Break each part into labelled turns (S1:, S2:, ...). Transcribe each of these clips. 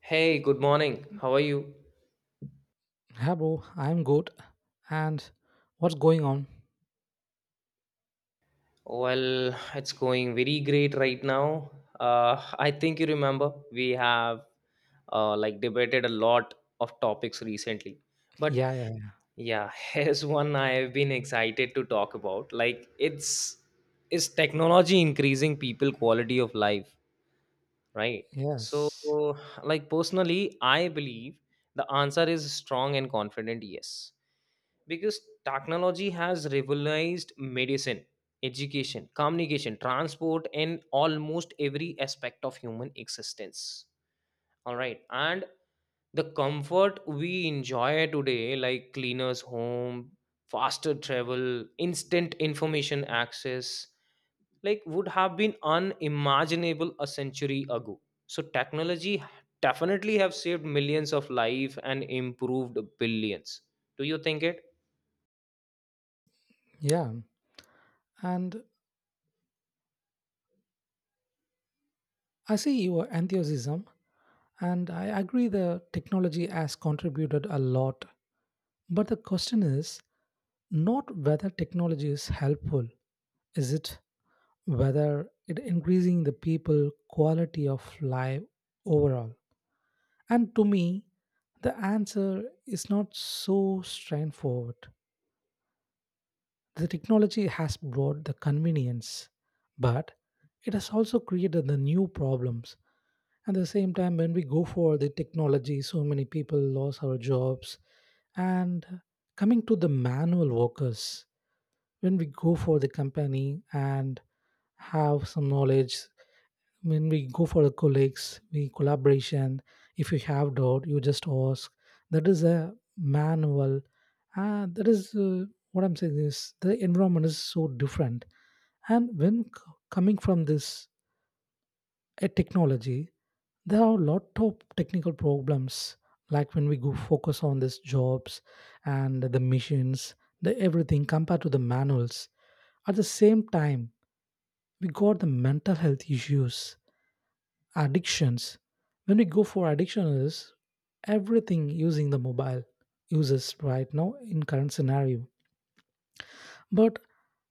S1: Hey, good morning. How are you?
S2: Hi, bro. I'm good. And what's going on?
S1: Well, it's going very great right now. I think you remember we have like debated a lot of topics recently. But
S2: Yeah, yeah,
S1: yeah, here's one I've been excited to talk about. Like it's Is technology increasing people quality of life, right? So
S2: yes,
S1: like personally, I believe the answer is strong and confident yes. Because technology has revolutionized medicine, education, communication, transport and almost every aspect of human existence, all right. And the comfort we enjoy today, like cleaners home, faster travel, instant information access, like would have been unimaginable a century ago. So technology definitely have saved millions of life and improved billions. Do you think it—
S2: yeah. And I see your enthusiasm, and I agree the technology has contributed a lot. But the question is not whether technology is helpful, is it whether it increasing the people quality of life overall? And to me, the answer is not so straightforward. The technology has brought the convenience, but it has also created the new problems. At the same time, when we go for the technology, so many people lost our jobs. And coming to the manual workers, when we go for the company and have some knowledge, when we go for the colleagues we collaboration, if you have doubt you just ask, that is a manual. That is what I'm saying is the environment is so different. And when coming from this a technology, there are a lot of technical problems, like when we go focus on these jobs and the machines, the everything compared to the manuals. At the same time, we got the mental health issues, addictions. When we go for addiction is everything using the mobile uses right now in current scenario. But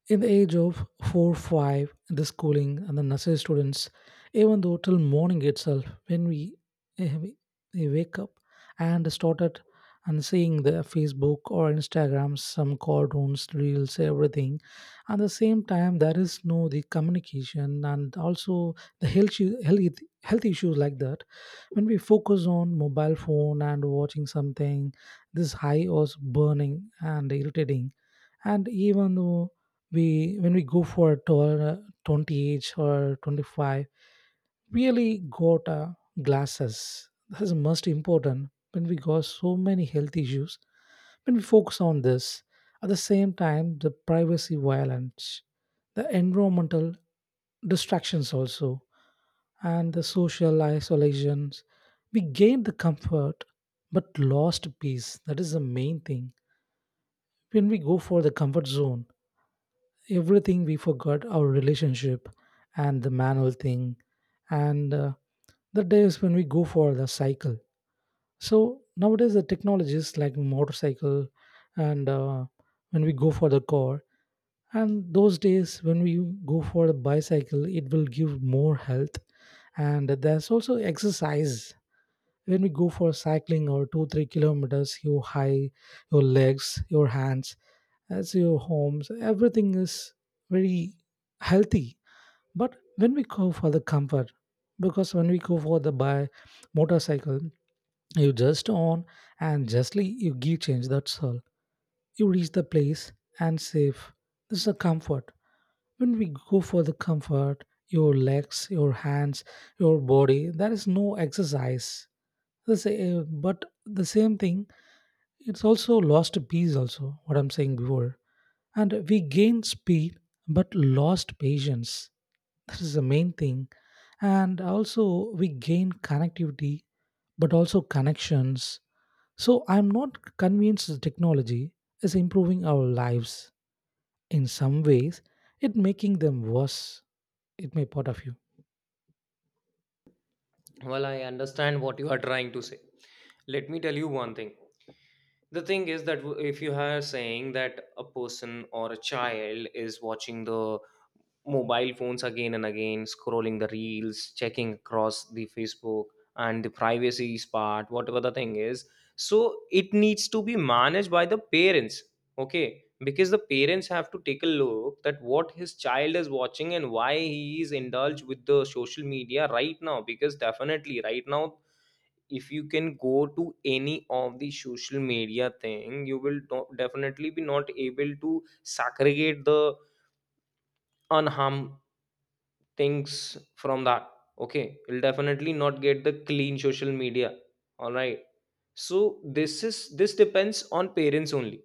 S2: in the age of 4 5, the schooling and the nursery students, even though till morning itself, when we, eh, we wake up and started and seeing the Facebook or Instagram, some cartoons, reels, everything. At the same time, there is no the communication and also the health issues like that. When we focus on mobile phone and watching something, this high was burning and irritating. And even though we when we go for 20 age or 25, really got glasses. That is most important when we got so many health issues when we focus on this. At the same time, the privacy violence, the environmental distractions also, and the social isolations, we gain the comfort but lost peace. That is the main thing. When we go for the comfort zone, everything we forgot our relationship and the manual thing. And the days when we go for the cycle, so nowadays the technologies like motorcycle. And when we go for the car, and those days when we go for the bicycle, it will give more health. And there's also exercise. When we go for cycling or 2-3 kilometers, you high your legs your hands as your homes, everything is very healthy. But when we go for the comfort, because when we go for the buy motorcycle, you just on and justly you give change, that's all. You reach the place and safe. This is a comfort. When we go for the comfort, your legs your hands your body, there is no exercise. The but the same thing, it's also lost a piece also what I'm saying before. And we gained speed but lost patience. That is the main thing. And also, we gain connectivity but also connections. So, I'm not convinced the technology is improving our lives. In some ways, it making them worse, it may part of you.
S1: Well, I understand what you are trying to say. Let me tell you one thing. The thing is that if you are saying that a person or a child is watching the mobile phones again and again, scrolling the reels, checking across the Facebook and the privacy part, whatever the thing is, so it needs to be managed by the parents. Okay, because the parents have to take a look that what his child is watching and why he is indulged with the social media right now. Because definitely right now, if you can go to any of the social media thing, you will definitely be not able to segregate the unharmed things from that. Okay, you'll definitely not get the clean social media, all right. So this depends on parents only,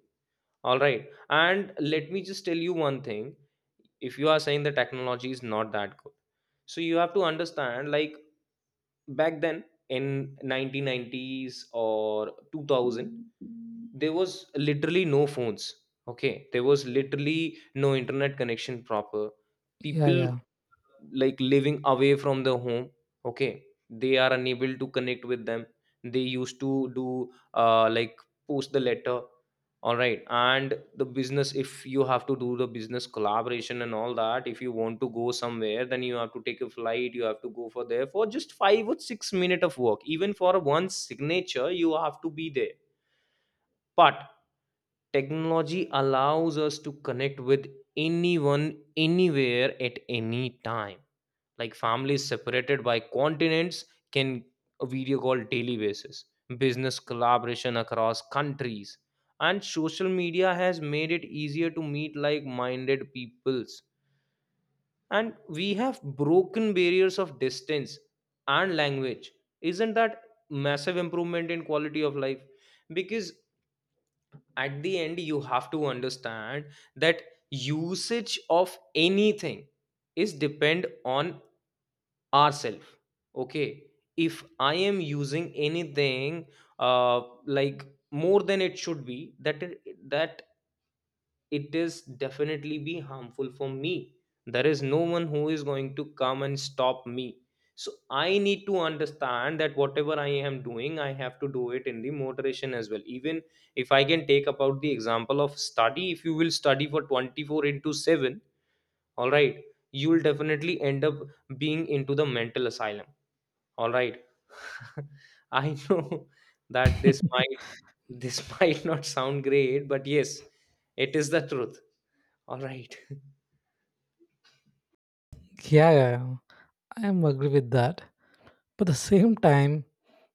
S1: all right. And let me just tell you one thing. If you are saying the technology is not that good, so you have to understand, like back then in 1990s or 2000, there was literally no phones. Okay, there was literally no internet connection proper.
S2: Yeah,
S1: People,
S2: yeah.
S1: like living away from the home, okay, they are unable to connect with them. They used to do like post the letter, all right. And the business, if you have to do the business collaboration and all that, if you want to go somewhere, then you have to take a flight, you have to go for there for just 5 or 6 minutes of work, even for one signature you have to be there. But technology allows us to connect with anyone, anywhere at any time. Like families separated by continents can video call daily basis, business collaboration across countries, and social media has made it easier to meet like minded peoples, and we have broken barriers of distance and language. Isn't that massive improvement in quality of life? Because at the end you have to understand that usage of anything is depend on ourself. Okay, if I am using anything, uh like more than it should be, that it is definitely be harmful for me. There is no one who is going to come and stop me. So I need to understand that whatever I am doing, I have to do it in the moderation as well. Even if I can take about the example of study, if you will study for 24 into 7, all right, you will definitely end up being into the mental asylum, all right. I know that this might this might not sound great, but yes, it is the truth. All right.
S2: Yeah, yeah, yeah. I am agree with that. But at the same time,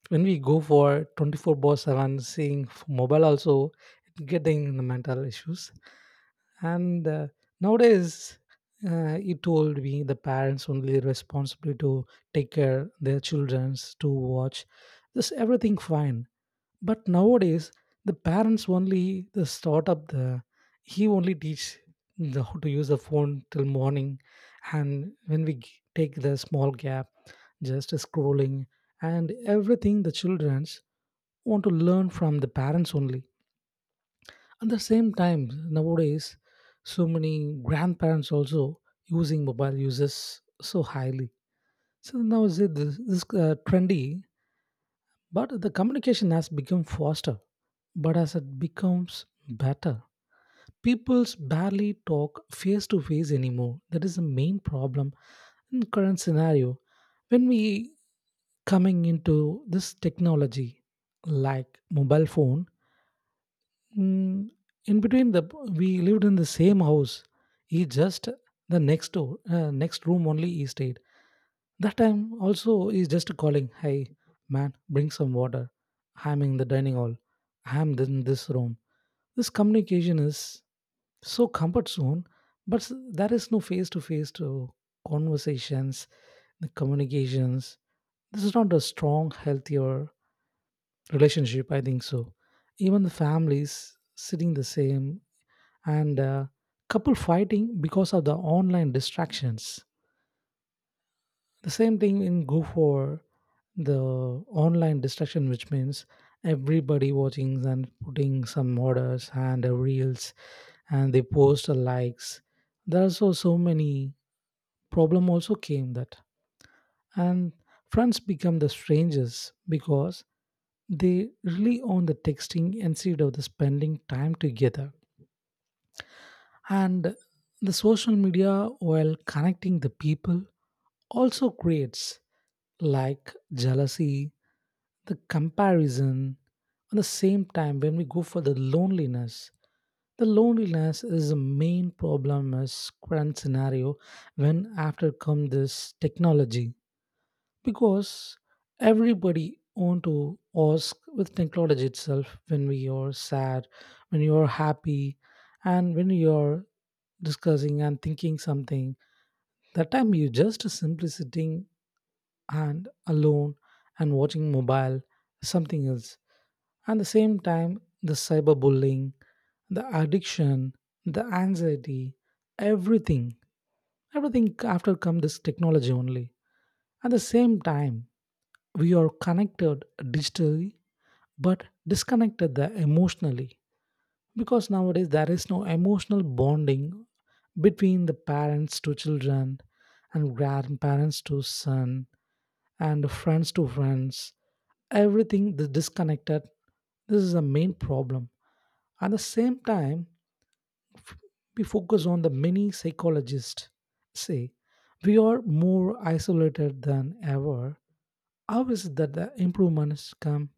S2: when we go for 24 by 7 seeing mobile also, it getting the mental issues. And nowadays, it told me the parents only responsible to take care their childrens to watch this everything fine. But nowadays, the parents only the start up the he only teach how to use the phone till morning. And when we take the small gap just scrolling, and everything the childrens want to learn from the parents only. At the same time, nowadays, so many grandparents also using mobile uses so highly. So now is it this trendy, but the communication has become faster. But as it becomes better, people's barely talk face to face anymore. That is the main problem in current scenario. When we coming into this technology like mobile phone. Mm, in between the we lived in the same house. He just the next door, next room only he stayed. That time also he's just calling, "Hey man, bring some water. I'm in the dining hall. I'm in this room." This communication is so comfort zone, but there is no face to face to conversations, the communications. This is not a strong, healthier relationship. I think so. Even the families sitting the same, and couple fighting because of the online distractions. The same thing in Go for the online distraction, which means everybody watching and putting some orders and reels, and they post a likes. There are so many problem also came that. And friends become the strangers because they rely on the texting instead of the spending time together, and the social media while connecting the people also creates like jealousy, the comparison. At the same time, when we go for the loneliness, the loneliness is the main problem as current scenario when after come this technology, because everybody want to ask with technology itself. When we are sad, when you are happy, and when you are discussing and thinking something, that time you just simply sitting and alone and watching mobile something else. And the same time, the cyberbullying, the addiction, the anxiety, everything, everything after come this technology only. At the same time, we are connected digitally but disconnected the emotionally, because nowadays there is no emotional bonding between the parents to children and grandparents to son and friends to friends. Everything is disconnected. This is the main problem. At the same time, we focus on the many psychologists say we are more isolated than ever. How is it that the improvements come?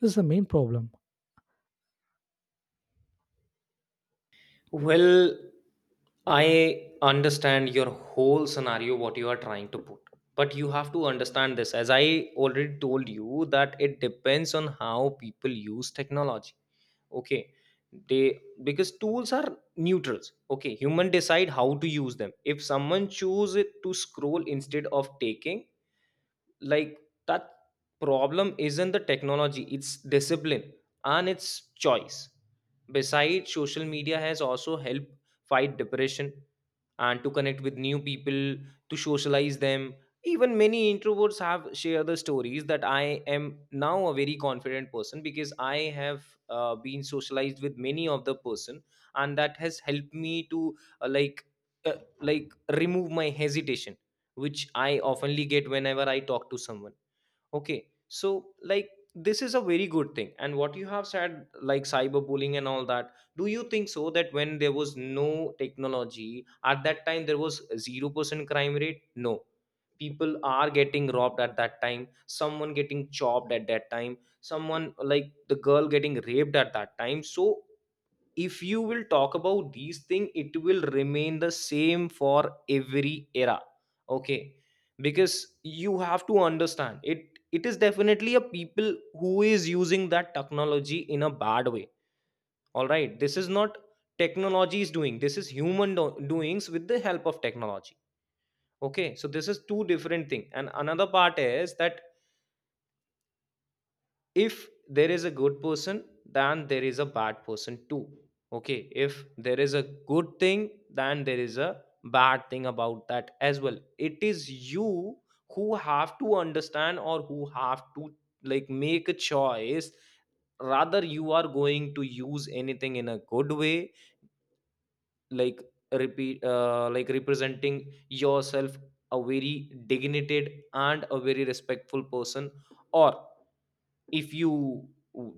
S2: This is the main problem.
S1: Well, I understand your whole scenario, what you are trying to put. But you have to understand this. As I already told you, that it depends on how people use technology. Okay, they— because tools are neutrals. Okay, human decide how to use them. If someone choose it to scroll instead of taking, like that, problem isn't the technology, it's discipline and it's choice. Besides, social media has also helped fight depression and to connect with new people, to socialize them. Even many introverts have shared the stories that I am now a very confident person because I have been socialized with many of the person, and that has helped me to uh, like remove my hesitation which I oftenly get whenever I talk to someone. Okay, so like this is a very good thing. And what you have said, like cyberbullying and all that, do you think so that when there was no technology at that time there was 0% crime rate? No, people are getting robbed at that time. Someone getting chopped at that time. Someone like the girl getting raped at that time. So if you will talk about these things, it will remain the same for every era. Okay, because you have to understand it, it is definitely a people who is using that technology in a bad way, all right. This is not technology is doing, this is human doings with the help of technology. Okay, so this is two different thing. And another part is that if there is a good person, then there is a bad person too. Okay, if there is a good thing, then there is a bad thing about that as well. It is you who have to understand, or who have to like make a choice, rather you are going to use anything in a good way. Like repeat like representing yourself a very dignified and a very respectful person. Or if you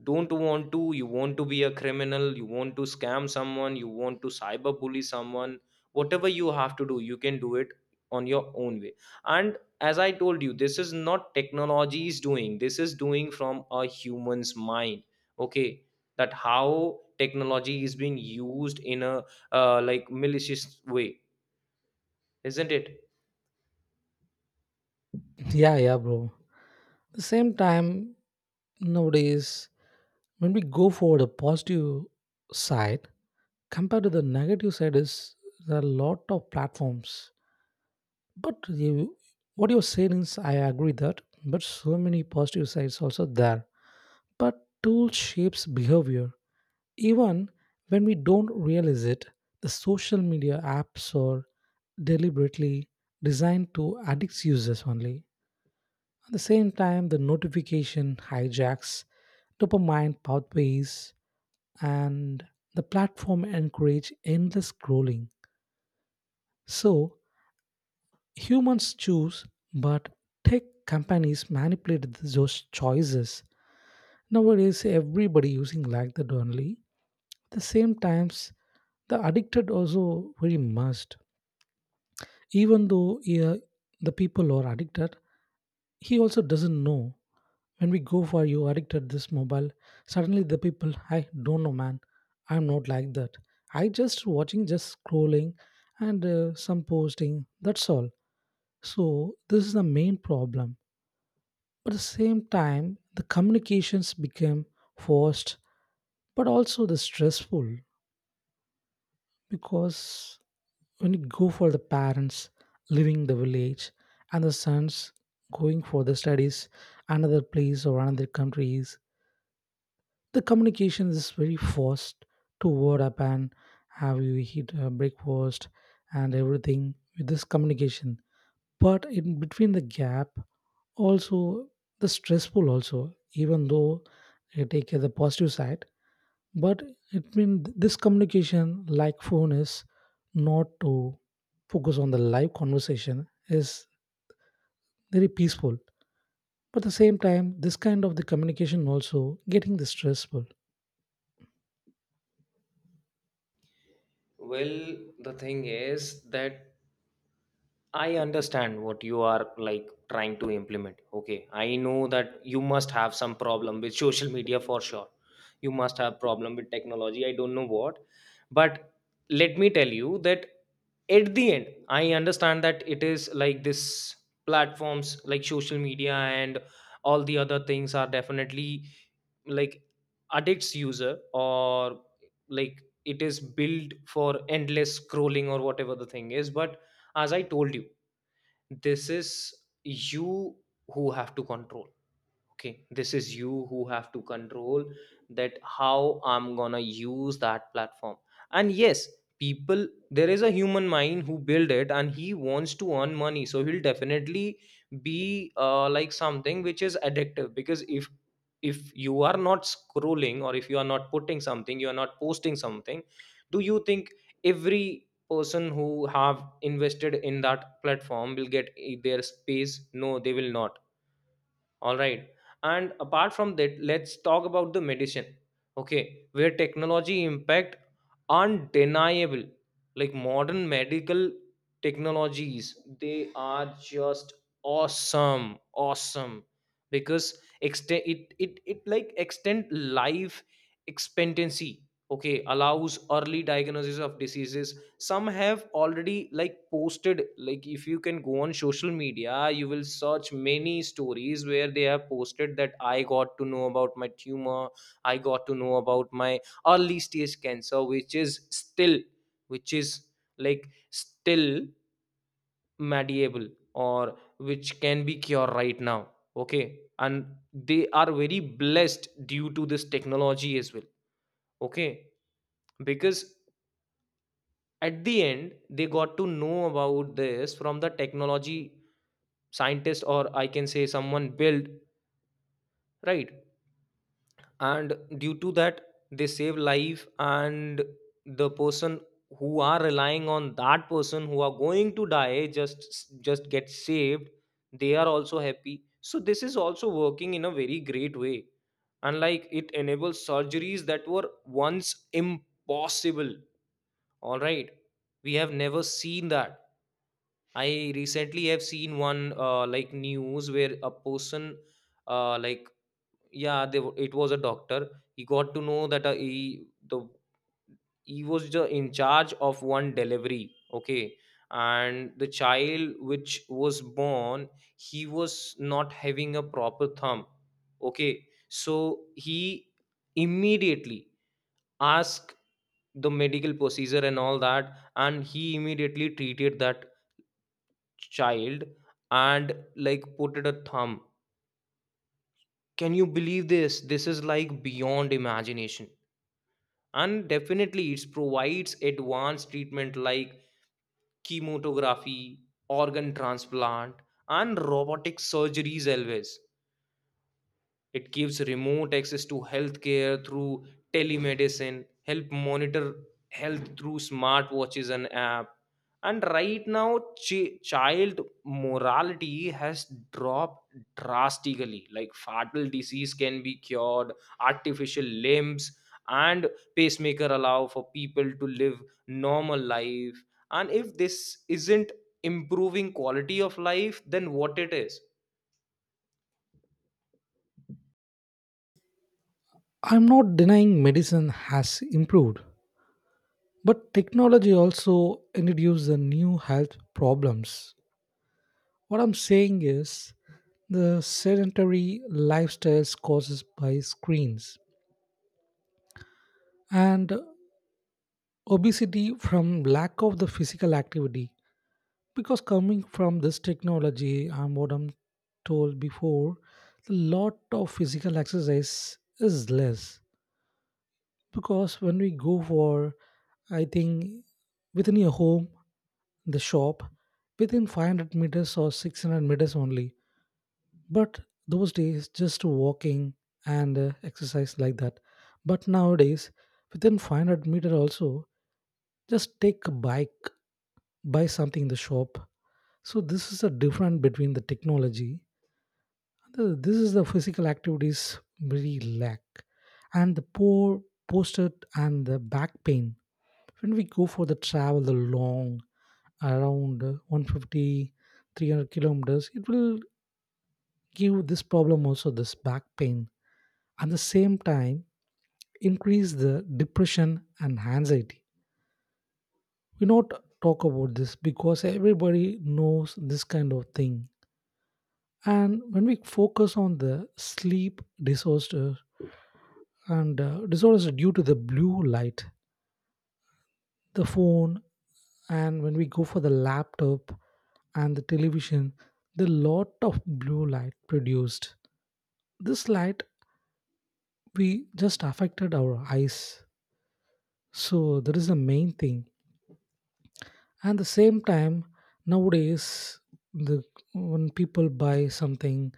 S1: don't want to, you want to be a criminal, you want to scam someone, you want to cyber bully someone, whatever you have to do, you can do it on your own way. And as I told you, this is not technology is doing, this is doing from a human's mind. Okay, that how technology is being used in a like malicious way, isn't it?
S2: Yeah, yeah, bro. The same time, nowadays, when we go for the positive side compared to the negative side, is there are a lot of platforms. But you, what you're saying is, I agree that. But so many positive sides also there. But tool shapes behavior. Even when we don't realize it, the social media apps are deliberately designed to addict users only. At the same time, the notification hijacks dopamine pathways and the platform encourage endless scrolling. So humans choose, but tech companies manipulate those choices. Nowadays, everybody using like that only. At the same times, the addicted also very must. Even though yeah, the people are addicted. He also doesn't know when we go for you addicted this mobile, suddenly the people. I don't know man, I'm not like that. I just watching just scrolling and some posting, that's all. So this is the main problem, but at the same time the communications became forced but also the stressful. Because when you go for the parents leaving the village and the sons going for the studies another place or another countries, the communication is very fast to word up and have you eat breakfast and everything with this communication. But in between the gap also the stressful also, even though you take the positive side, but it means this communication like phone is not to focus on the live conversation, is very peaceful, but at the same time this kind of the communication also getting the stressful.
S1: Well, the thing is that I understand what you are like trying to implement. Okay, I know that you must have some problem with social media for sure. You must have problem with technology. I don't know what, but let me tell you that at the end, I understand that it is like this. Platforms like social media and all the other things are definitely like addicts user, or like it is built for endless scrolling or whatever the thing is. But as I told you, this is you who have to control. Okay, this is you who have to control that how I'm gonna use that platform. And yes, people, there is a human mind who build it and he wants to earn money, so he'll definitely be like something which is addictive. Because if you are not scrolling, or if you are not putting something, you are not posting something, do you think every person who have invested in that platform will get their space? No, they will not, all right. And apart from that, let's talk about the medicine. Okay, where technology impact undeniable. Like modern medical technologies, they are just awesome awesome. Because extend it like extend life expectancy. Okay, allows early diagnosis of diseases. Some have already like posted, like if you can go on social media, you will search many stories where they have posted that I got to know about my tumor, I got to know about my early stage cancer which is still, which is like still mediable, or which can be cured right now. Okay, and they are very blessed due to this technology as well. Okay, because at the end they got to know about this from the technology scientist, or I can say someone built, right. And due to that, they save life, and the person who are relying on that person who are going to die just get saved, they are also happy. So this is also working in a very great way. And like it enables surgeries that were once impossible, all right. We have never seen that. I recently have seen one like news where a person uh, like yeah it was a doctor. He got to know that he was the in charge of one delivery, okay. And the child which was born, he was not having a proper thumb. Okay, so he immediately asked the medical procedure and all that, and he immediately treated that child and like put it a thumb. Can you believe this? This is like beyond imagination. And definitely it provides advanced treatment like chemotherapy, organ transplant and robotic surgeries always. It gives remote access to healthcare through telemedicine, help monitor health through smartwatches and app. And right now, child morality has dropped drastically. Like fatal disease can be cured, artificial limbs and pacemaker allow for people to live normal life. And if this isn't improving quality of life, then what it is?
S2: I'm not denying medicine has improved, but technology also introduced the new health problems. What I'm saying is the sedentary lifestyles causes by screens and obesity from lack of the physical activity, because coming from this technology and what I'm told before, a lot of physical exercise is less. Because when we go for, I think, within your home the shop within 500 meters or 600 meters only, but those days just walking and exercise like that. But nowadays within 500-meter also, just take a bike, buy something in the shop. So this is a difference between the technology. This is the physical activities very lack, and the poor posted and the back pain. When we go for the travel the long around 150 kilometers, it will give this problem also, this back pain. At the same time, increase the depression and anxiety, we not talk about this because everybody knows this kind of thing. And when we focus on the sleep disorder and disorders are due to the blue light, the phone, and when we go for the laptop and the television, the lot of blue light produced. This light we just affected our eyes, so that is the main thing. And the same time, nowadays, the when people buy something,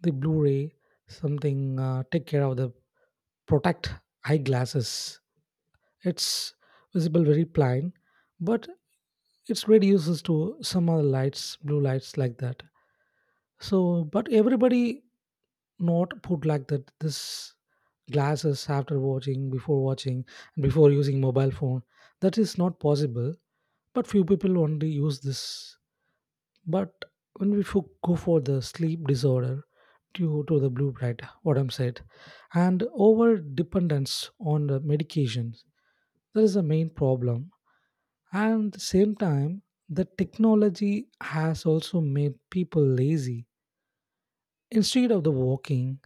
S2: the Blu-ray, something take care of the protect eyeglasses. It's visible very plain, but it's reduces to some other lights, blue lights like that. So, but everybody not put like that. This glasses after watching, before watching, and before using mobile phone. That is not possible. But few people only use this, but when we go for the sleep disorder due to the blue light, what I'm said, and over dependence on the medications, that is the main problem. And at the same time, the technology has also made people lazy. Instead of the walking,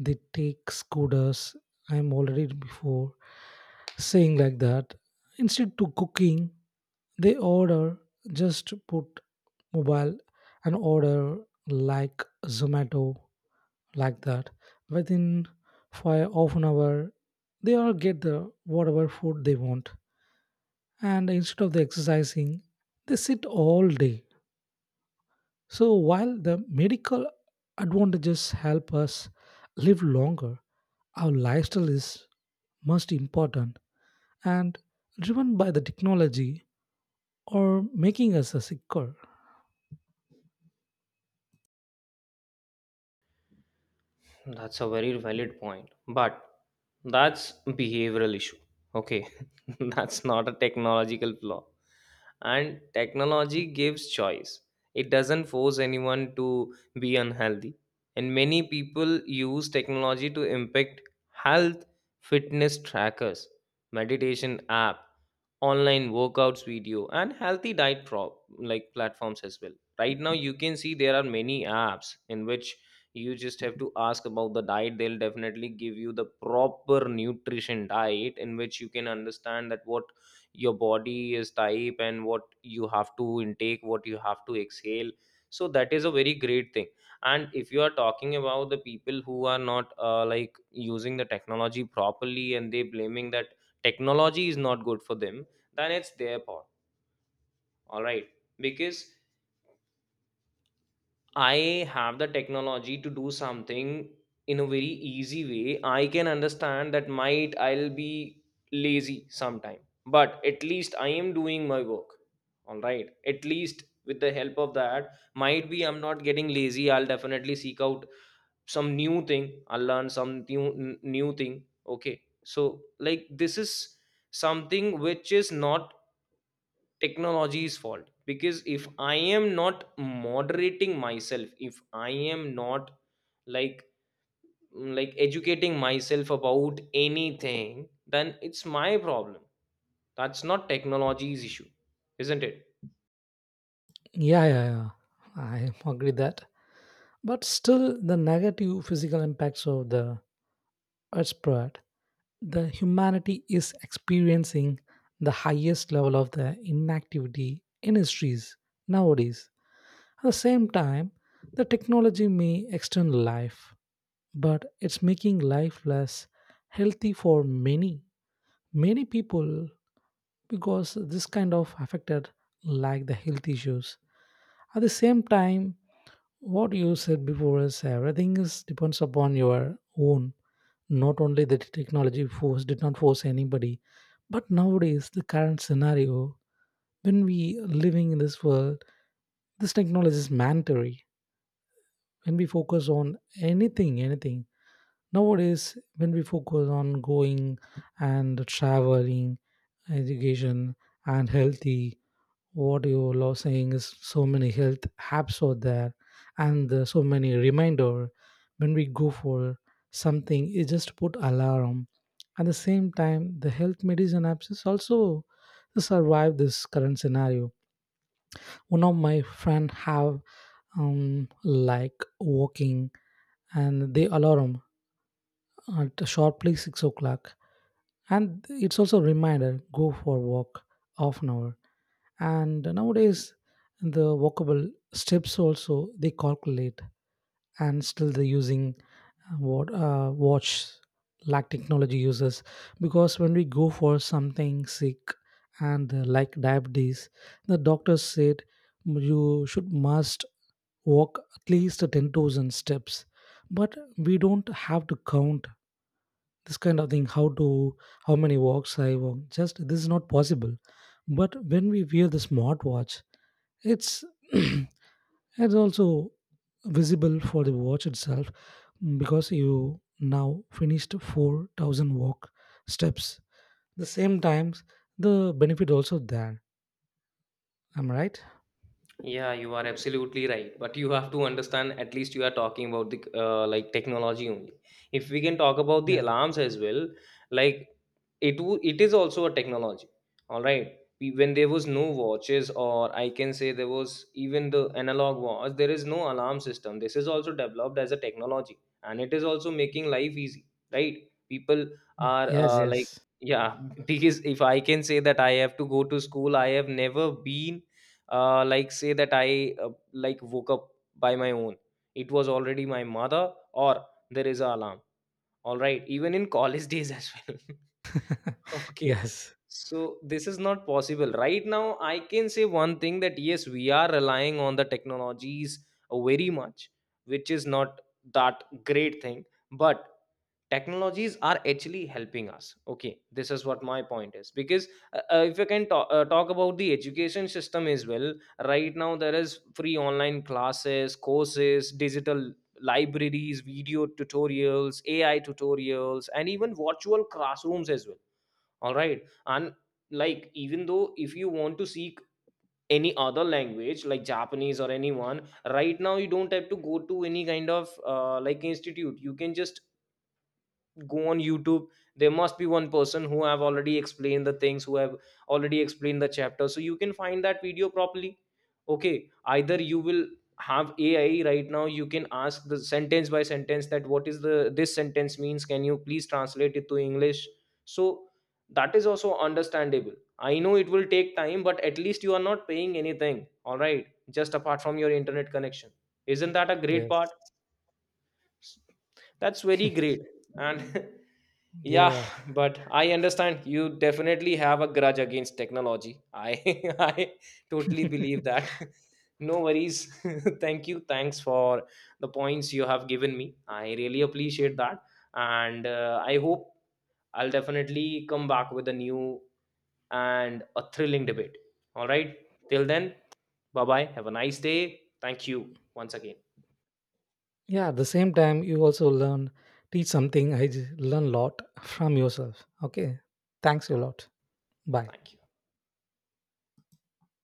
S2: they take scooters. I'm already before saying like that. Instead to cooking they order, just put mobile and order like zomato like that, within five half an hour they all get the whatever food they want. And instead of the exercising they sit all day. So while the medical advantages help us live longer, our lifestyle is most important and driven by the technology, or making us a sicker.
S1: That's a very valid point, but that's behavioral issue. Okay, that's not a technological flaw. And technology gives choice. It doesn't force anyone to be unhealthy. And many people use technology to impact health, fitness trackers, meditation app, online workouts video, and healthy diet prop like platforms as well. Right now, you can see there are many apps in which you just have to ask about the diet, they'll definitely give you the proper nutrition diet in which you can understand that what your body is type and what you have to intake, what you have to exhale. So that is a very great thing. And if you are talking about the people who are not like using the technology properly and they blaming that technology is not good for them, then it's their fault, all right? Because I have the technology to do something in a very easy way, I can understand that might I'll be lazy sometime, but at least I am doing my work. All right. At least with the help of that, might be I'm not getting lazy. I'll definitely seek out some new thing. I'll learn some new thing. Okay. So like this is something which is not technology's fault, because if I am not moderating myself, if I am not, like, educating myself about anything, then it's my problem. That's not technology's issue, isn't it?
S2: Yeah, yeah, yeah. I agree that. But still, the negative physical impacts of the earth spread, the humanity is experiencing the highest level of the inactivity in histories nowadays. At the same time, the technology may extend life, but it's making life less healthy for many, many people, because this kind of affected like the health issues. At the same time, what you said before is everything is depends upon your own. Not only the technology force did not force anybody, but nowadays the current scenario when we living in this world, this technology is mandatory. When we focus on anything, anything nowadays, when we focus on going and traveling, education and healthy, what you are saying is so many health apps out there and so many reminder when we go for something you just put alarm. At the same time, the health medicine apps is also survive this current scenario. One of my friend have, like walking and they alarm at sharply 6 o'clock, and it's also reminder go for walk half an hour. And nowadays the walkable steps also they calculate, and still they're using what watch like technology uses. Because when we go for something sick and like diabetes, the doctor said you should must walk at least 10,000 steps. But we don't have to count this kind of thing how many walks I walk, just this is not possible. But when we wear the smartwatch, it's it's also visible for the watch itself. Mm, because you now finished 4,000 walk steps. The same times the benefit also there. Am I right?
S1: Yeah, you are absolutely right. But you have to understand, at least you are talking about the like technology only. If we can talk about
S2: Yeah.
S1: the alarms as well, like it is also a technology. All right. When there was no watches, or I can say there was even the analog watch, there is no alarm system. This is also developed as a technology, and it is also making life easy, right? People
S2: Yeah.
S1: are
S2: Yes,
S1: like,
S2: yes.
S1: yeah, because if I can say that I have to go to school, I have never been like say that I like woke up by my own. It was already my mother, or there is a alarm. All right, even in college days as well. Okay.
S2: Yes.
S1: So this is not possible. Right now I can say one thing, that yes, we are relying on the technologies very much, which is not that great thing, but technologies are actually helping us. Okay, this is what my point is. Because if you can talk about the education system as well, right now there is free online classes, courses, digital libraries, video tutorials, AI tutorials, and even virtual classrooms as well. All right. And like, even though if you want to seek any other language like Japanese or anyone, right now you don't have to go to any kind of like institute. You can just go on YouTube. There must be one person who have already explained the things, who have already explained the chapter, so you can find that video properly. Okay. Either you will have AI. Right now you can ask the sentence by sentence, that what is the this sentence means, can you please translate it to English? So that is also understandable. I know it will take time, but at least you are not paying anything. All right, just apart from your internet connection. Isn't that a great
S2: Yes.
S1: part? That's very great. And yeah,
S2: Yeah,
S1: but I understand you definitely have a grudge against technology. I I totally believe
S2: yeah.
S1: that. No worries. Thank you. Thanks for the points you have given me. I really appreciate that. And I hope I'll definitely come back with a new and a thrilling debate. All right. Till then, bye bye. Have a nice day. Thank you once again.
S2: Yeah, at the same time you also learn teach something. I learn a lot from yourself. Okay. Thanks a lot. Bye.
S1: Thank you.